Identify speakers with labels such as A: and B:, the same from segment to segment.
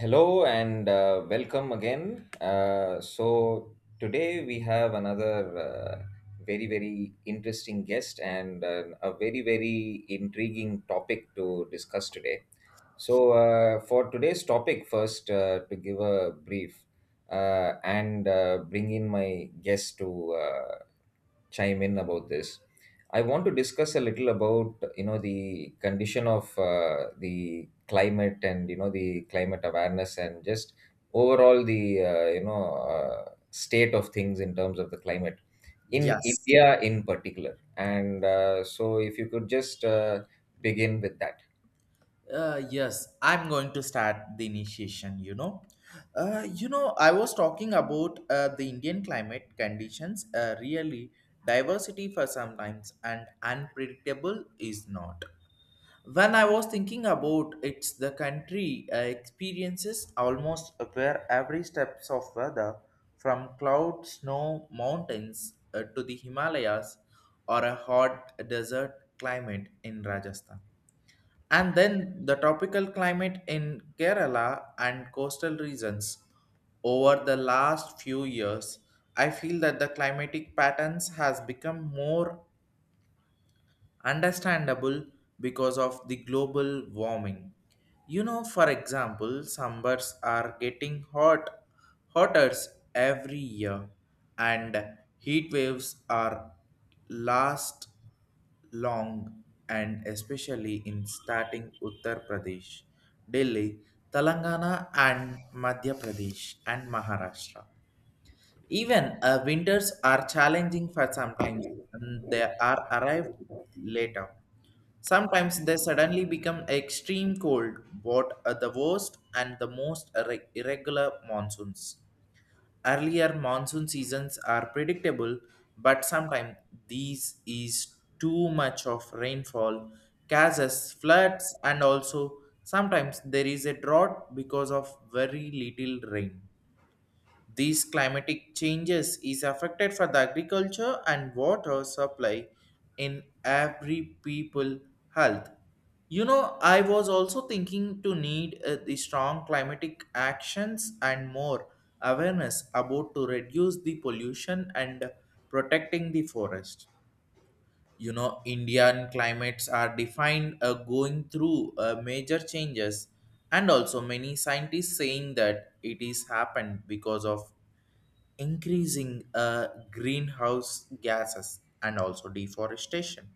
A: Hello and welcome again. Today we have another very, very interesting guest and a very, very intriguing topic to discuss today. For today's topic, first to give a brief and bring in my guest to chime in about this. I want to discuss a little about the condition of the climate and the climate awareness and just overall the state of things in terms of the climate in
B: Yes.
A: India in particular. And so, if you could just begin with that.
B: Yes, I'm going to start the initiation. I was talking about the Indian climate conditions. Really, diversity for sometimes and unpredictable is not. When I was thinking about it's the country experiences almost where every steps of weather, from cloud, snow, mountains to the Himalayas, or a hot desert climate in Rajasthan. And then the tropical climate in Kerala and coastal regions. Over the last few years, I feel that the climatic patterns has become more understandable because of the global warming. For example, summers are getting hotter every year, and heat waves are last long, and especially in starting Uttar Pradesh, Delhi, Telangana, and Madhya Pradesh and Maharashtra. Even winters are challenging for sometimes, and they are arrived later. Sometimes they suddenly become extreme cold, what are the worst and the most irregular monsoons. Earlier monsoon seasons are predictable, but sometimes these is too much of rainfall causes floods and also sometimes there is a drought because of very little rain. These climatic changes is affected for the agriculture and water supply in every people health. I was also thinking to need the strong climatic actions and more awareness about to reduce the pollution and protecting the forest. Indian climates are defined going through major changes, and also many scientists saying that it is happened because of increasing greenhouse gases and also deforestation.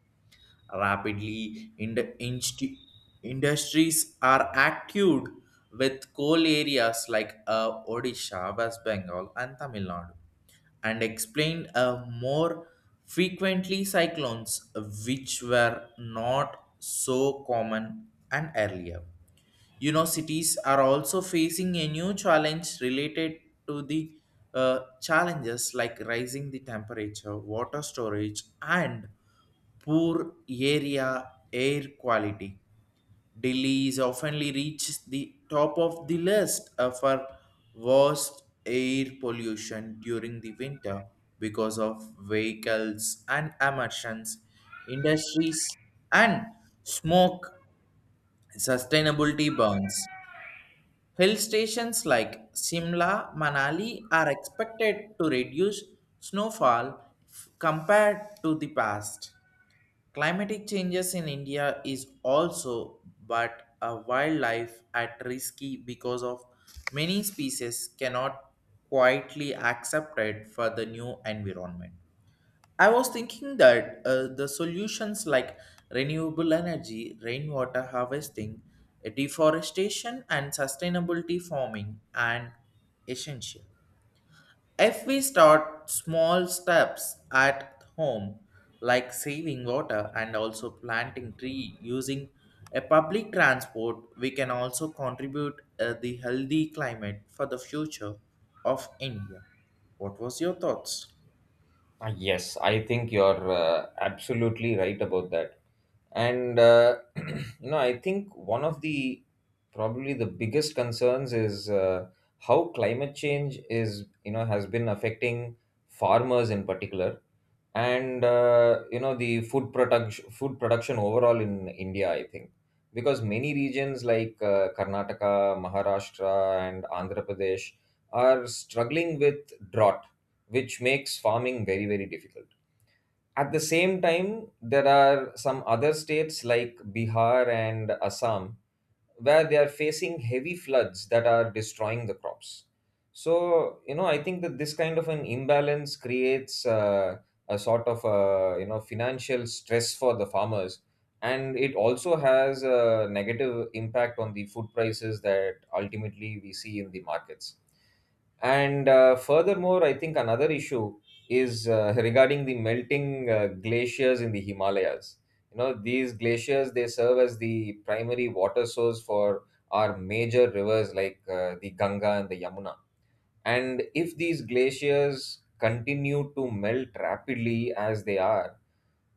B: Rapidly, in the industries are active with coal areas like Odisha, West Bengal, and Tamil Nadu, and explain more frequently cyclones, which were not so common and earlier. Universities are also facing a new challenge related to the challenges like rising the temperature, water storage, and poor area air quality. Delhi is oftenly reaches the top of the list for worst air pollution during the winter because of vehicles and emissions, industries, and smoke sustainability burns. Hill stations like Simla, Manali are expected to reduce snowfall compared to the past. Climatic changes in India is also but a wildlife at risky because of many species cannot quietly accepted for the new environment. I was thinking that the solutions like renewable energy, rainwater harvesting, deforestation, and sustainability farming are essential. If we start small steps at home, like saving water and also planting tree using a public transport, we can also contribute the healthy climate for the future of India. What was your thoughts?
A: Yes, I think you're absolutely right about that, and I think one of the probably the biggest concerns is how climate change is has been affecting farmers in particular, and the food production overall in india, I think, because many regions like karnataka, maharashtra, and andhra pradesh are struggling with drought, which makes farming very very difficult. At the same time, there are some other states like Bihar and Assam where they are facing heavy floods that are destroying the crops. So, you know, I think that this kind of an imbalance creates a sort of, you know, financial stress for the farmers. And it also has a negative impact on the food prices that ultimately we see in the markets. And Furthermore, I think another issue is regarding the melting glaciers in the Himalayas. You know, these glaciers, they serve as the primary water source for our major rivers like the Ganga and the Yamuna. And if these glaciers continue to melt rapidly as they are,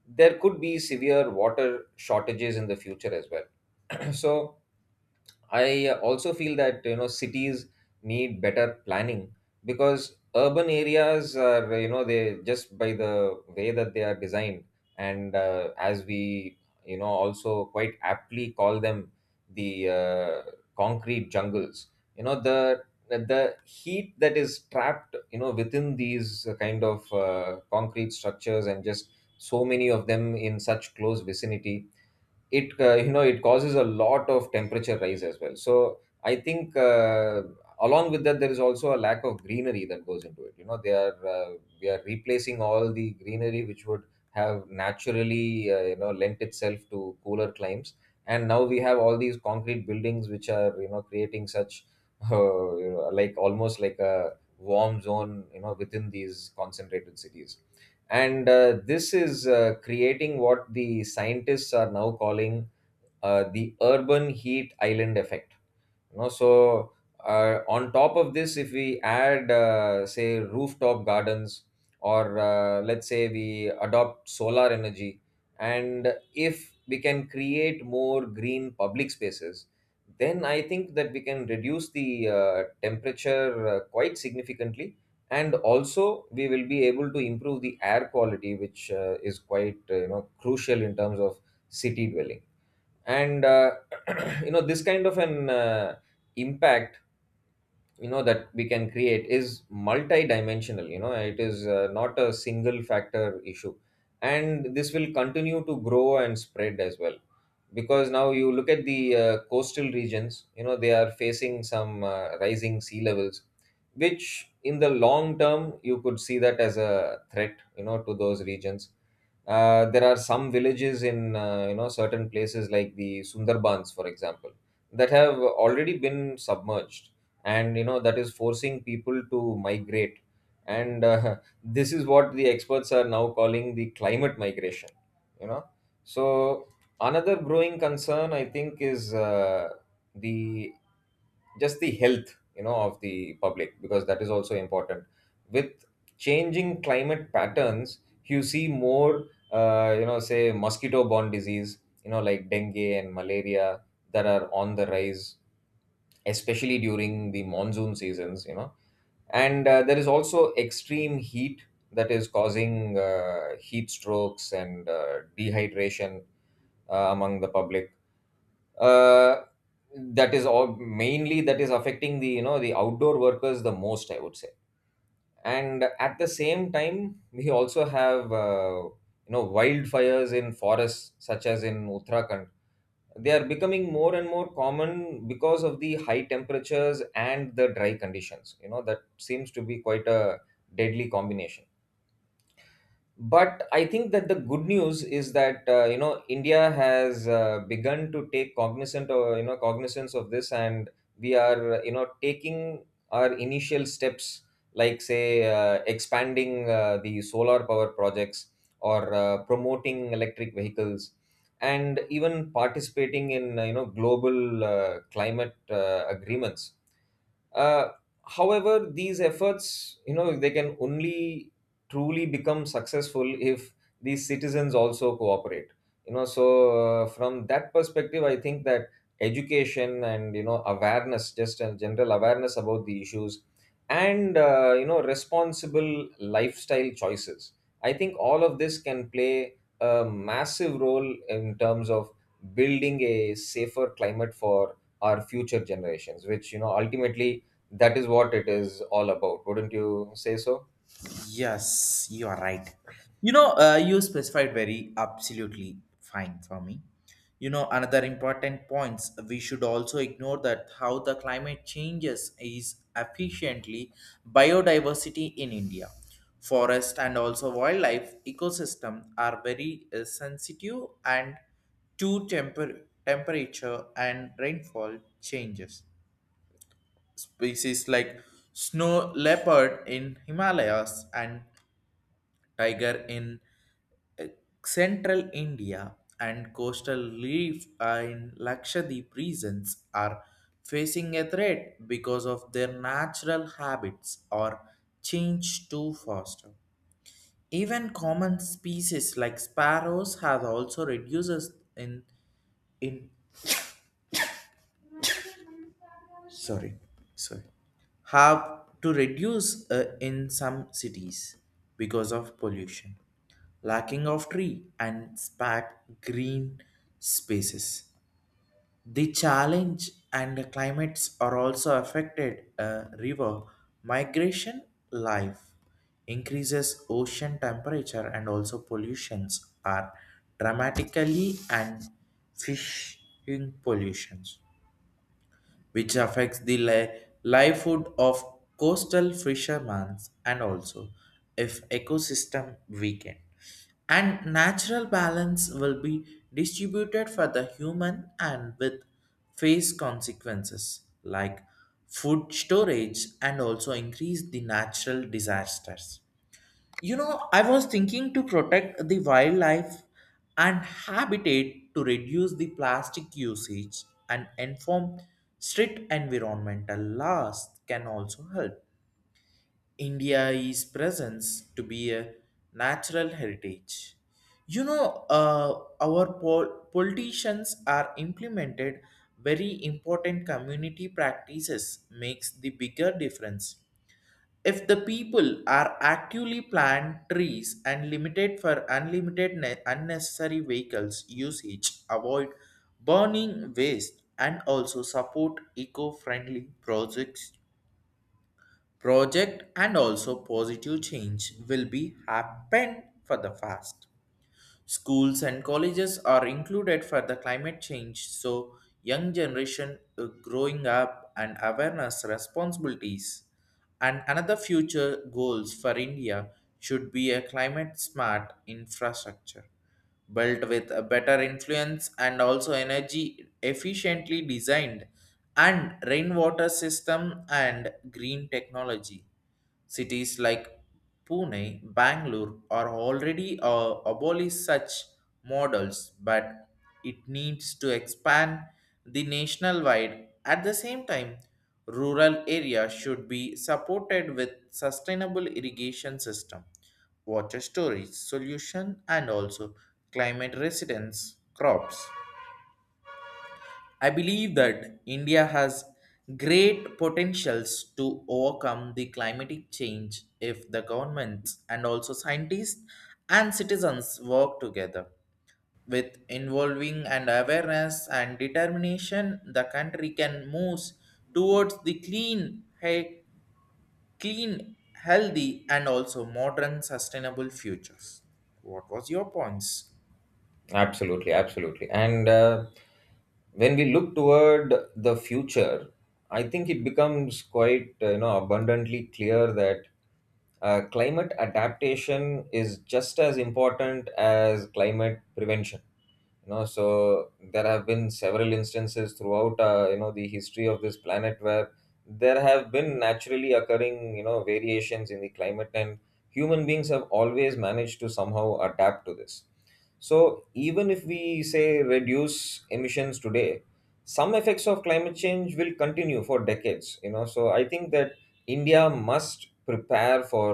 A: there could be severe water shortages in the future as well. So, I also feel that you know cities need better planning, because urban areas are, you know, they just, by the way that they are designed, and as we, you know, also quite aptly call them, the concrete jungles. You know, the heat that is trapped, you know, within these kind of concrete structures, and just so many of them in such close vicinity, it you know, it causes a lot of temperature rise as well. So I think along with that there is also a lack of greenery that goes into it. You know, they are we are replacing all the greenery which would have naturally you know, lent itself to cooler climes, and now we have all these concrete buildings which are, you know, creating such you know, like almost like a warm zone, you know, within these concentrated cities. And this is creating what the scientists are now calling the urban heat island effect. You know, so on top of this, if we add, say, rooftop gardens, or let's say we adopt solar energy, and if we can create more green public spaces, then I think that we can reduce the temperature quite significantly. And also, we will be able to improve the air quality, which is quite you know, crucial in terms of city dwelling. And you know, this kind of an impact, you know, that we can create is multidimensional. You know, it is not a single factor issue, and this will continue to grow and spread as well, because now you look at the coastal regions. You know, they are facing some rising sea levels, which in the long term you could see that as a threat, you know, to those regions. There are some villages in you know, certain places like the sundarbans, for example, that have already been submerged, and you know, that is forcing people to migrate. And this is what the experts are now calling the climate migration, you know. So another growing concern, I think, is the just the health, you know, of the public, because that is also important. With changing climate patterns, you see more you know, say, mosquito borne disease, you know, like dengue and malaria, that are on the rise, especially during the monsoon seasons, you know. And there is also extreme heat that is causing heat strokes and dehydration among the public. uh, that is all mainly that is affecting the, you know, the outdoor workers the most, I would say. And at the same time, we also have you know, wildfires in forests such as in uttarakhand. They are becoming more and more common because of the high temperatures and the dry conditions, you know. That seems to be quite a deadly combination. But I think that the good news is that you know, india has begun to take cognizant, or you know, cognizance of this, and we are you know, taking our initial steps, like say expanding the solar power projects, or promoting electric vehicles, and even participating in you know, global climate agreements. Uh, however, these efforts, you know, they can only truly become successful if these citizens also cooperate. You know, so from that perspective, I think that education and you know, awareness, just a general awareness about the issues, and you know, responsible lifestyle choices, I think all of this can play a massive role in terms of building a safer climate for our future generations, which you know, ultimately, that is what it is all about, wouldn't you say so?
B: Yes, you are right. You specified very absolutely fine for me. Another important points we should also ignore that how the climate changes is efficiently biodiversity in India. Forest and also wildlife ecosystem are very sensitive and to temperature and rainfall changes. Species like snow leopard in Himalayas and tiger in central India and coastal reef in Lakshadweep regions are facing a threat because of their natural habits or change too fast. Even common species like sparrows have also reduces in, sorry, sorry, have to reduce in some cities because of pollution, lacking of tree and spark green spaces. The challenge and the climates are also affected river migration life. Increases ocean temperature and also pollutions are dramatically and fishing pollutions, which affects the livelihood of coastal fishermen, and also if ecosystem weaken and natural balance will be distributed for the human and with face consequences like food storage and also increase the natural disasters. I was thinking to protect the wildlife and habitat to reduce the plastic usage and inform strict environmental laws can also help. India is presence to be a natural heritage. You know, uh, our politicians are implemented very important community practices makes the bigger difference if the people are actively planned trees and limited for unlimited unnecessary vehicles usage, avoid burning waste and also support eco-friendly projects project and also positive change will be happen for the fast. Schools and colleges are included for the climate change, so young generation growing up and awareness responsibilities. And another future goals for India should be a climate smart infrastructure built with a better influence and also energy efficiently designed and rainwater system and green technology. Cities like Pune, Bangalore are already abolish such models, but it needs to expand the national wide. At the same time, rural areas should be supported with sustainable irrigation system, water storage solution, and also climate resistance crops. I believe that India has great potentials to overcome the climatic change if the governments and also scientists and citizens work together. With involving and awareness and determination, the country can move towards the clean, clean, healthy, and also modern sustainable futures. What was your points?
A: Absolutely, absolutely. And when we look toward the future, I think it becomes quite you know, abundantly clear that climate adaptation is just as important as climate prevention. You know, so there have been several instances throughout you know, the history of this planet where there have been naturally occurring, you know, variations in the climate, and human beings have always managed to somehow adapt to this. So even if we say reduce emissions today, some effects of climate change will continue for decades. You know, so I think that india must prepare for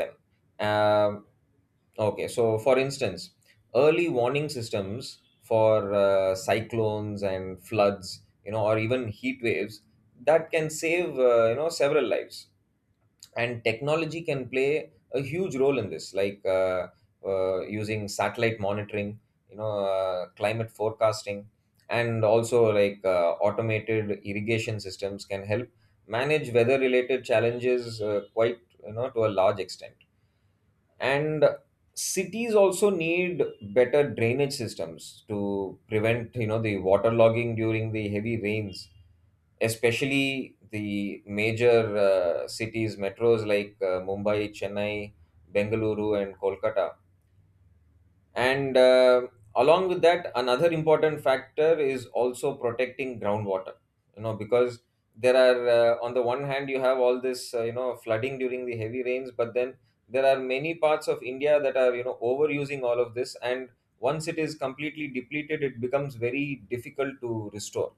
A: them. Um Okay, so for instance, early warning systems for cyclones and floods, you know, or even heat waves, that can save, you know, several lives. And technology can play a huge role in this, like using satellite monitoring, you know, climate forecasting, and also like automated irrigation systems can help manage weather-related challenges quite, you know, to a large extent. And cities also need better drainage systems to prevent, you know, the waterlogging during the heavy rains, especially the major cities, metros, like mumbai, chennai, bengaluru, and kolkata. And along with that, another important factor is also protecting groundwater, you know, because there are on the one hand you have all this you know, flooding during the heavy rains, but then there are many parts of india that are, you know, overusing all of this, and once it is completely depleted it becomes very difficult to restore.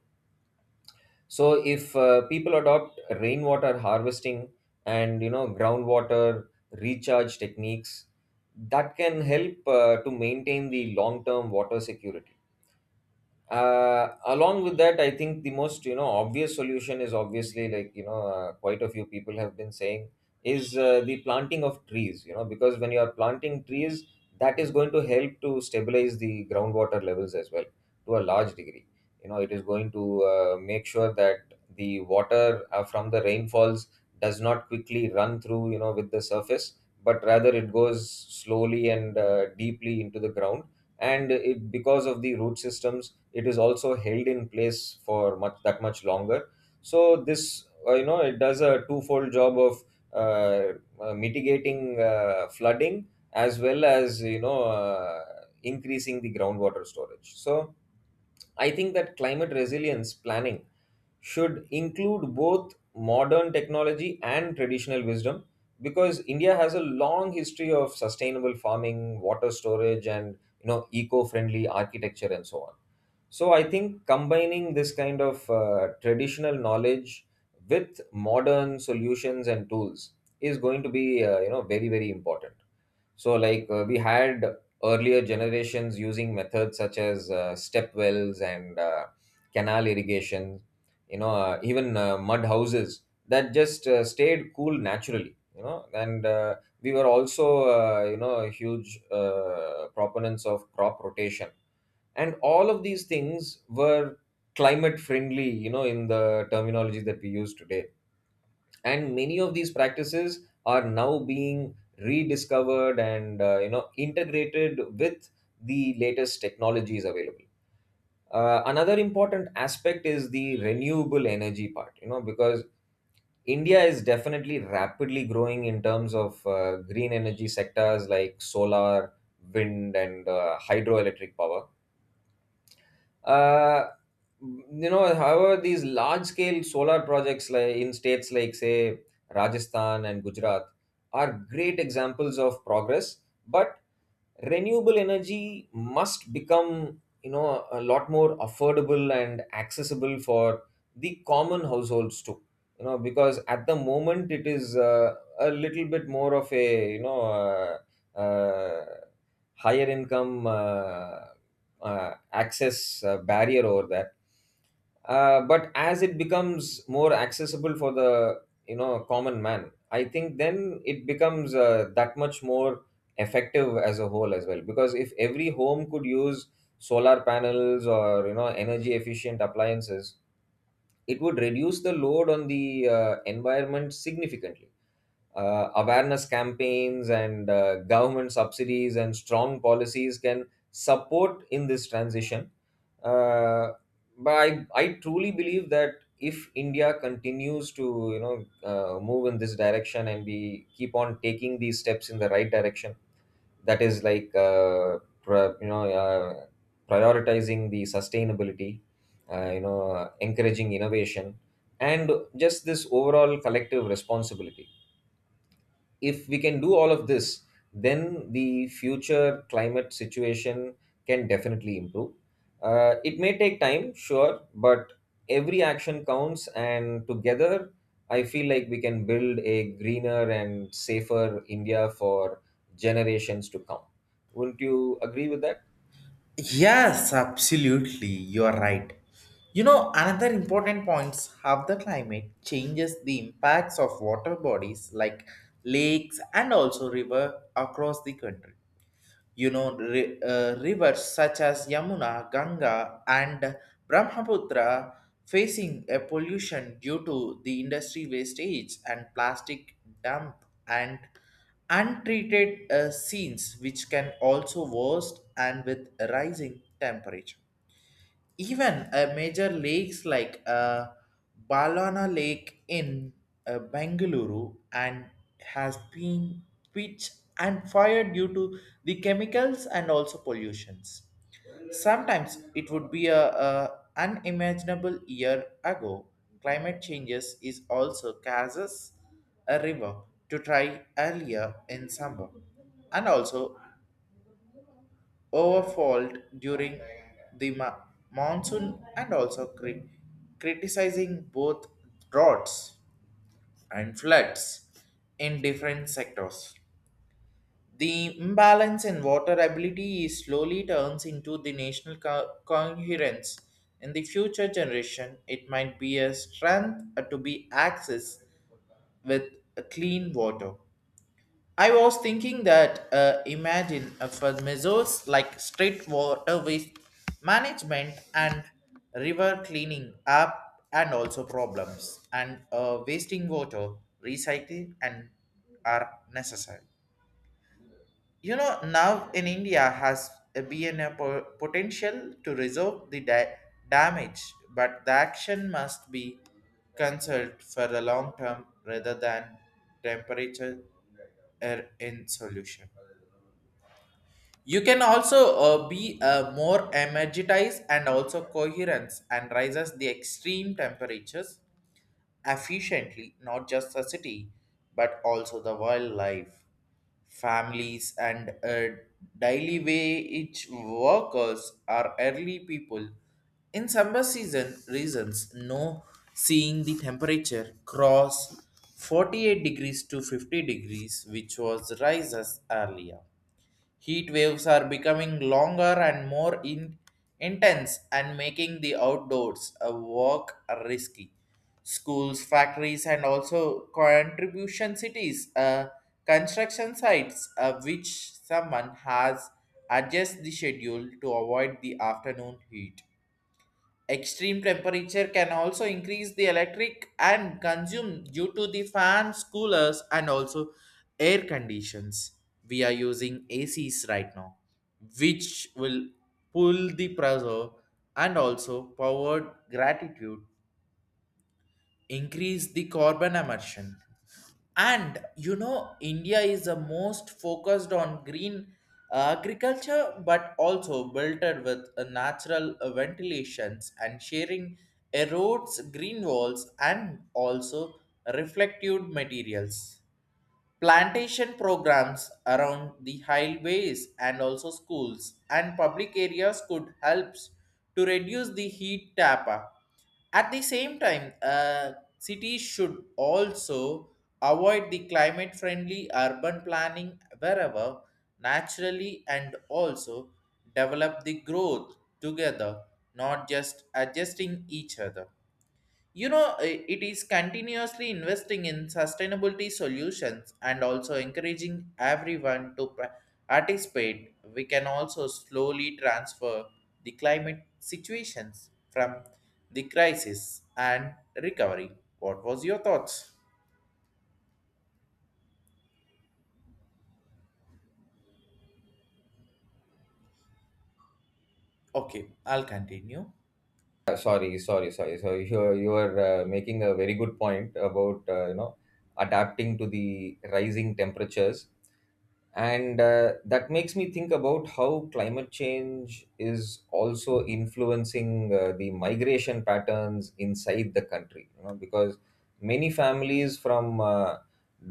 A: So if people adopt rainwater harvesting and, you know, groundwater recharge techniques, that can help to maintain the long term water security. Along with that, I think the most, you know, obvious solution, is obviously, like you know, quite a few people have been saying, is the planting of trees, you know, because when you are planting trees, that is going to help to stabilize the groundwater levels as well, to a large degree. You know, it is going to make sure that the water from the rainfalls does not quickly run through, you know, with the surface, but rather it goes slowly and deeply into the ground, and it, because of the root systems, it is also held in place for much, that much longer. So this you know, it does a twofold job of uh, mitigating flooding as well as, you know, increasing the groundwater storage. So I think that climate resilience planning should include both modern technology and traditional wisdom, because india has a long history of sustainable farming, water storage, and you know, eco-friendly architecture, and so on. So I think combining this kind of traditional knowledge with modern solutions and tools is going to be you know, very very important. So like we had earlier generations using methods such as step wells and canal irrigation, you know, even mud houses that just stayed cool naturally. And we were also huge proponents of crop rotation, and all of these things were climate friendly, in the terminology that we use today. And many of these practices are now being rediscovered and integrated with the latest technologies available. Another important aspect is the renewable energy part, because India is definitely rapidly growing in terms of green energy sectors like solar, wind, and hydroelectric power. uh, However, these large scale solar projects, like in states like say Rajasthan and Gujarat, are great examples of progress, but renewable energy must become, a lot more affordable and accessible for the common households too, because at the moment it is a little bit more of a uh, higher income access barrier over that. But as it becomes more accessible for the common man, I think then it becomes that much more effective as a whole as well, because if every home could use solar panels or energy efficient appliances, it would reduce the load on the environment significantly. Awareness campaigns and government subsidies and strong policies can support in this transition. uh, but I truly believe that if India continues to move in this direction and we keep on taking these steps in the right direction, that is like pri- you know uh, prioritizing the sustainability, encouraging innovation, and just this overall collective responsibility. If we can do all of this, then the future climate situation can definitely improve. It may take time, sure, but every action counts, and together, I feel like we can build a greener and safer India for generations to come. Wouldn't you agree with that?
B: Yes, absolutely. You are right. Another important points how the climate changes the impacts of water bodies like lakes and also river across the country. Rivers such as Yamuna, Ganga, and Brahmaputra facing a pollution due to the industry wastage and plastic dump and untreated scenes, which can also worsen and with rising temperature. Even major lakes like Balana Lake in Bengaluru and has been pitched and fired due to the chemicals and also pollutions. Sometimes it would be a unimaginable year ago. Climate changes is also causes a river to try earlier in summer, and also overfalled during the monsoon and also criticizing both droughts and floods in different sectors. The imbalance in water ability is slowly turns into the national coherence. In the future generation, it might be a strength to be accessed with clean water. I was thinking that imagine for measures like street water waste management and river cleaning up and also problems and wasting water recycling and are necessary. Now in India has a been a potential to resolve the damage, but the action must be considered for the long term rather than temperature in solution. You can also be more energized and also coherence and rises the extreme temperatures efficiently, not just the city, but also the wildlife, families, and daily wage workers are early people. In summer season reasons, no seeing the temperature cross 48° degrees to 50° degrees, which was rises earlier. Heat waves are becoming longer and more intense and making the outdoors a walk risky. Schools, factories, and also contribution cities, construction sites, which someone has adjust the schedule to avoid the afternoon heat. Extreme temperature can also increase the electric and consume due to the fans, coolers, and also air conditions. We are using ACs right now, which will pull the pressure and also powered gratitude increase the carbon emission, and India is the most focused on green agriculture but also built it with natural ventilations and sharing erodes green walls and also reflective materials plantation programs around the highways and also schools and public areas could help to reduce the heat tapa. At the same time cities should also avoid the climate friendly urban planning wherever naturally and also develop the growth together, not just adjusting each other. It is continuously investing in sustainability solutions and also encouraging everyone to participate. We can also slowly transfer the climate situations from the crisis and recovery. What was your thoughts? Okay, I'll continue.
A: Sorry, sorry, sorry. So you are making a very good point about adapting to the rising temperatures, and that makes me think about how climate change is also influencing the migration patterns inside the country, because many families from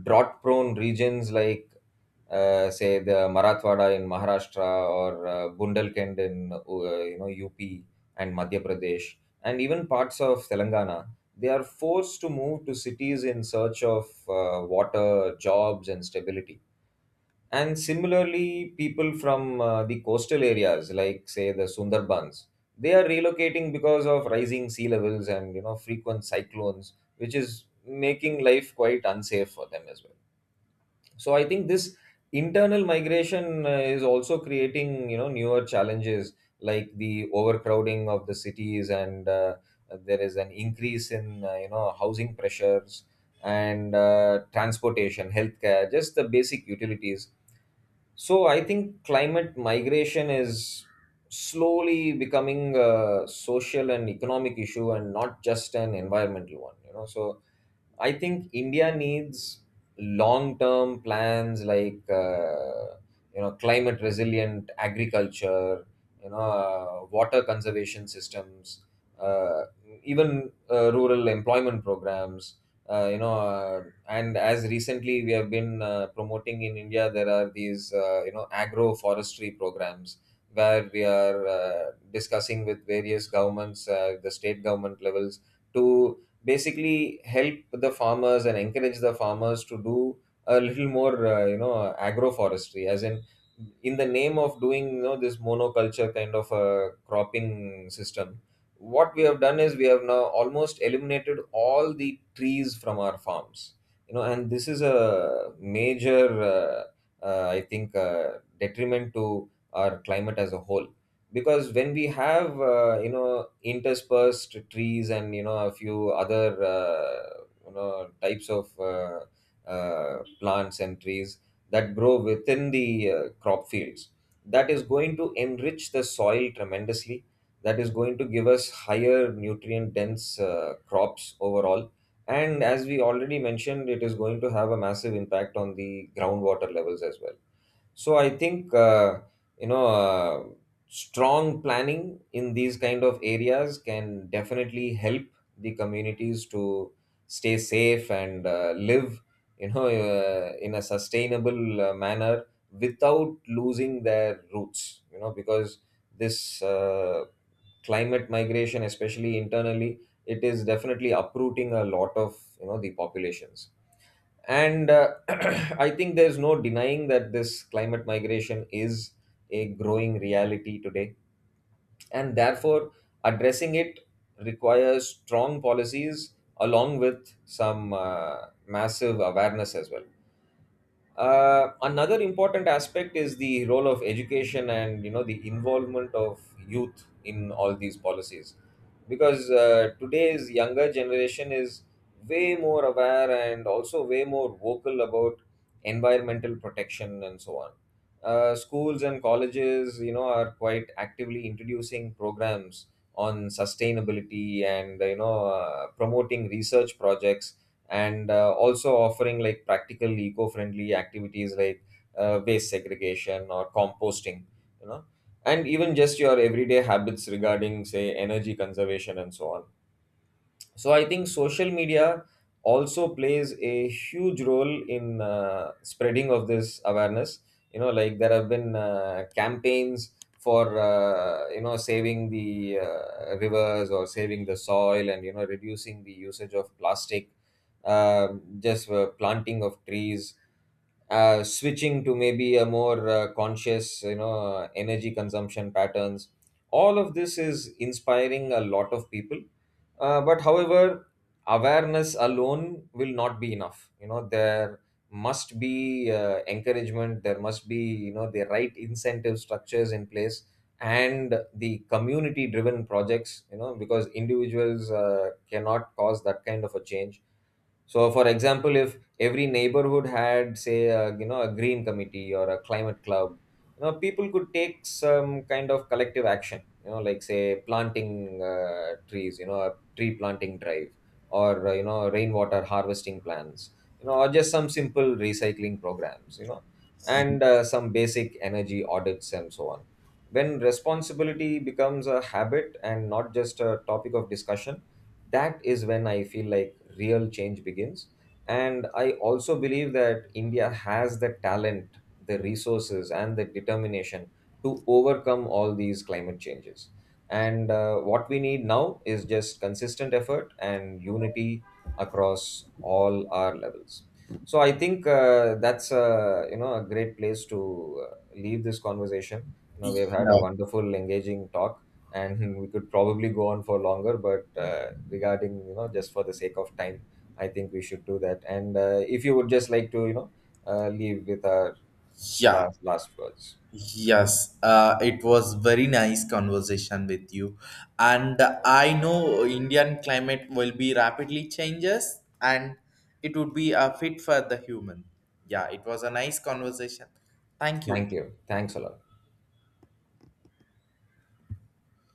A: drought prone regions like say the Marathwada in Maharashtra or Bundelkhand in UP and Madhya Pradesh, and even parts of Telangana, they are forced to move to cities in search of water, jobs, and stability. And similarly, people from the coastal areas, like say the Sundarbans, they are relocating because of rising sea levels and frequent cyclones, which is making life quite unsafe for them as well. So I think this internal migration is also creating newer challenges like the overcrowding of the cities, and there is an increase in housing pressures and transportation, healthcare, just the basic utilities. So I think climate migration is slowly becoming a social and economic issue and not just an environmental one. So I think India needs long-term plans like climate resilient agriculture, water conservation systems, uh, even rural employment programs. And as recently we have been promoting in India, there are these agroforestry programs, where we are discussing with various governments, the state government levels, to basically help the farmers and encourage the farmers to do a little more agroforestry. As in the name of doing this monoculture kind of a cropping system, what we have done is we have now almost eliminated all the trees from our farms, and this is a major I think detriment to our climate as a whole, because when we have interspersed trees and a few other types of plants and trees that grow within the crop fields, that is going to enrich the soil tremendously, that is going to give us higher nutrient dense crops overall, and as we already mentioned, it is going to have a massive impact on the groundwater levels as well. So I think you know uh, strong planning in these kind of areas can definitely help the communities to stay safe and live in a sustainable manner without losing their roots, because this climate migration, especially internally, it is definitely uprooting a lot of the populations. And I think there's no denying that this climate migration is a growing reality today. And therefore, addressing it requires strong policies along with some massive awareness as well. Another important aspect is the role of education and the involvement of youth in all these policies, because today's younger generation is way more aware and also way more vocal about environmental protection and so on. Schools and colleges, are quite actively introducing programs on sustainability and promoting research projects, and also offering like practical eco-friendly activities like waste segregation or composting. You know and even just your everyday habits regarding say energy conservation and so on. So I think social media also plays a huge role in spreading of this awareness, like there have been campaigns for saving the rivers, or saving the soil, and reducing the usage of plastic, um just planting of trees, switching to maybe a more conscious energy consumption patterns. All of this is inspiring a lot of people. But however, awareness alone will not be enough. There must be encouragement, there must be, the right incentive structures in place, and the community driven projects, because individuals cannot cause that kind of a change. So, for example, if every neighborhood had, say, a green committee or a climate club, people could take some kind of collective action. Like say planting trees. A tree planting drive, or rainwater harvesting plans. Or just some simple recycling programs. And some basic energy audits and so on. When responsibility becomes a habit and not just a topic of discussion, that is when I feel like real change begins. And I also believe that India has the talent, the resources, and the determination to overcome all these climate changes. And what we need now is just consistent effort and unity across all our levels. So I think that's a great place to leave this conversation. We have had a
B: Yeah,
A: wonderful, engaging talk, and we could probably go on for longer, but regarding, just for the sake of time, I think we should do that. And if you would just like to leave with our
B: yeah.
A: last words,
B: Yes, it was very nice conversation with you, and I know Indian climate will be rapidly changes, and it would be a fit for the human. Yeah, it was a nice conversation. Thank you.
A: thank you, thanks a lot.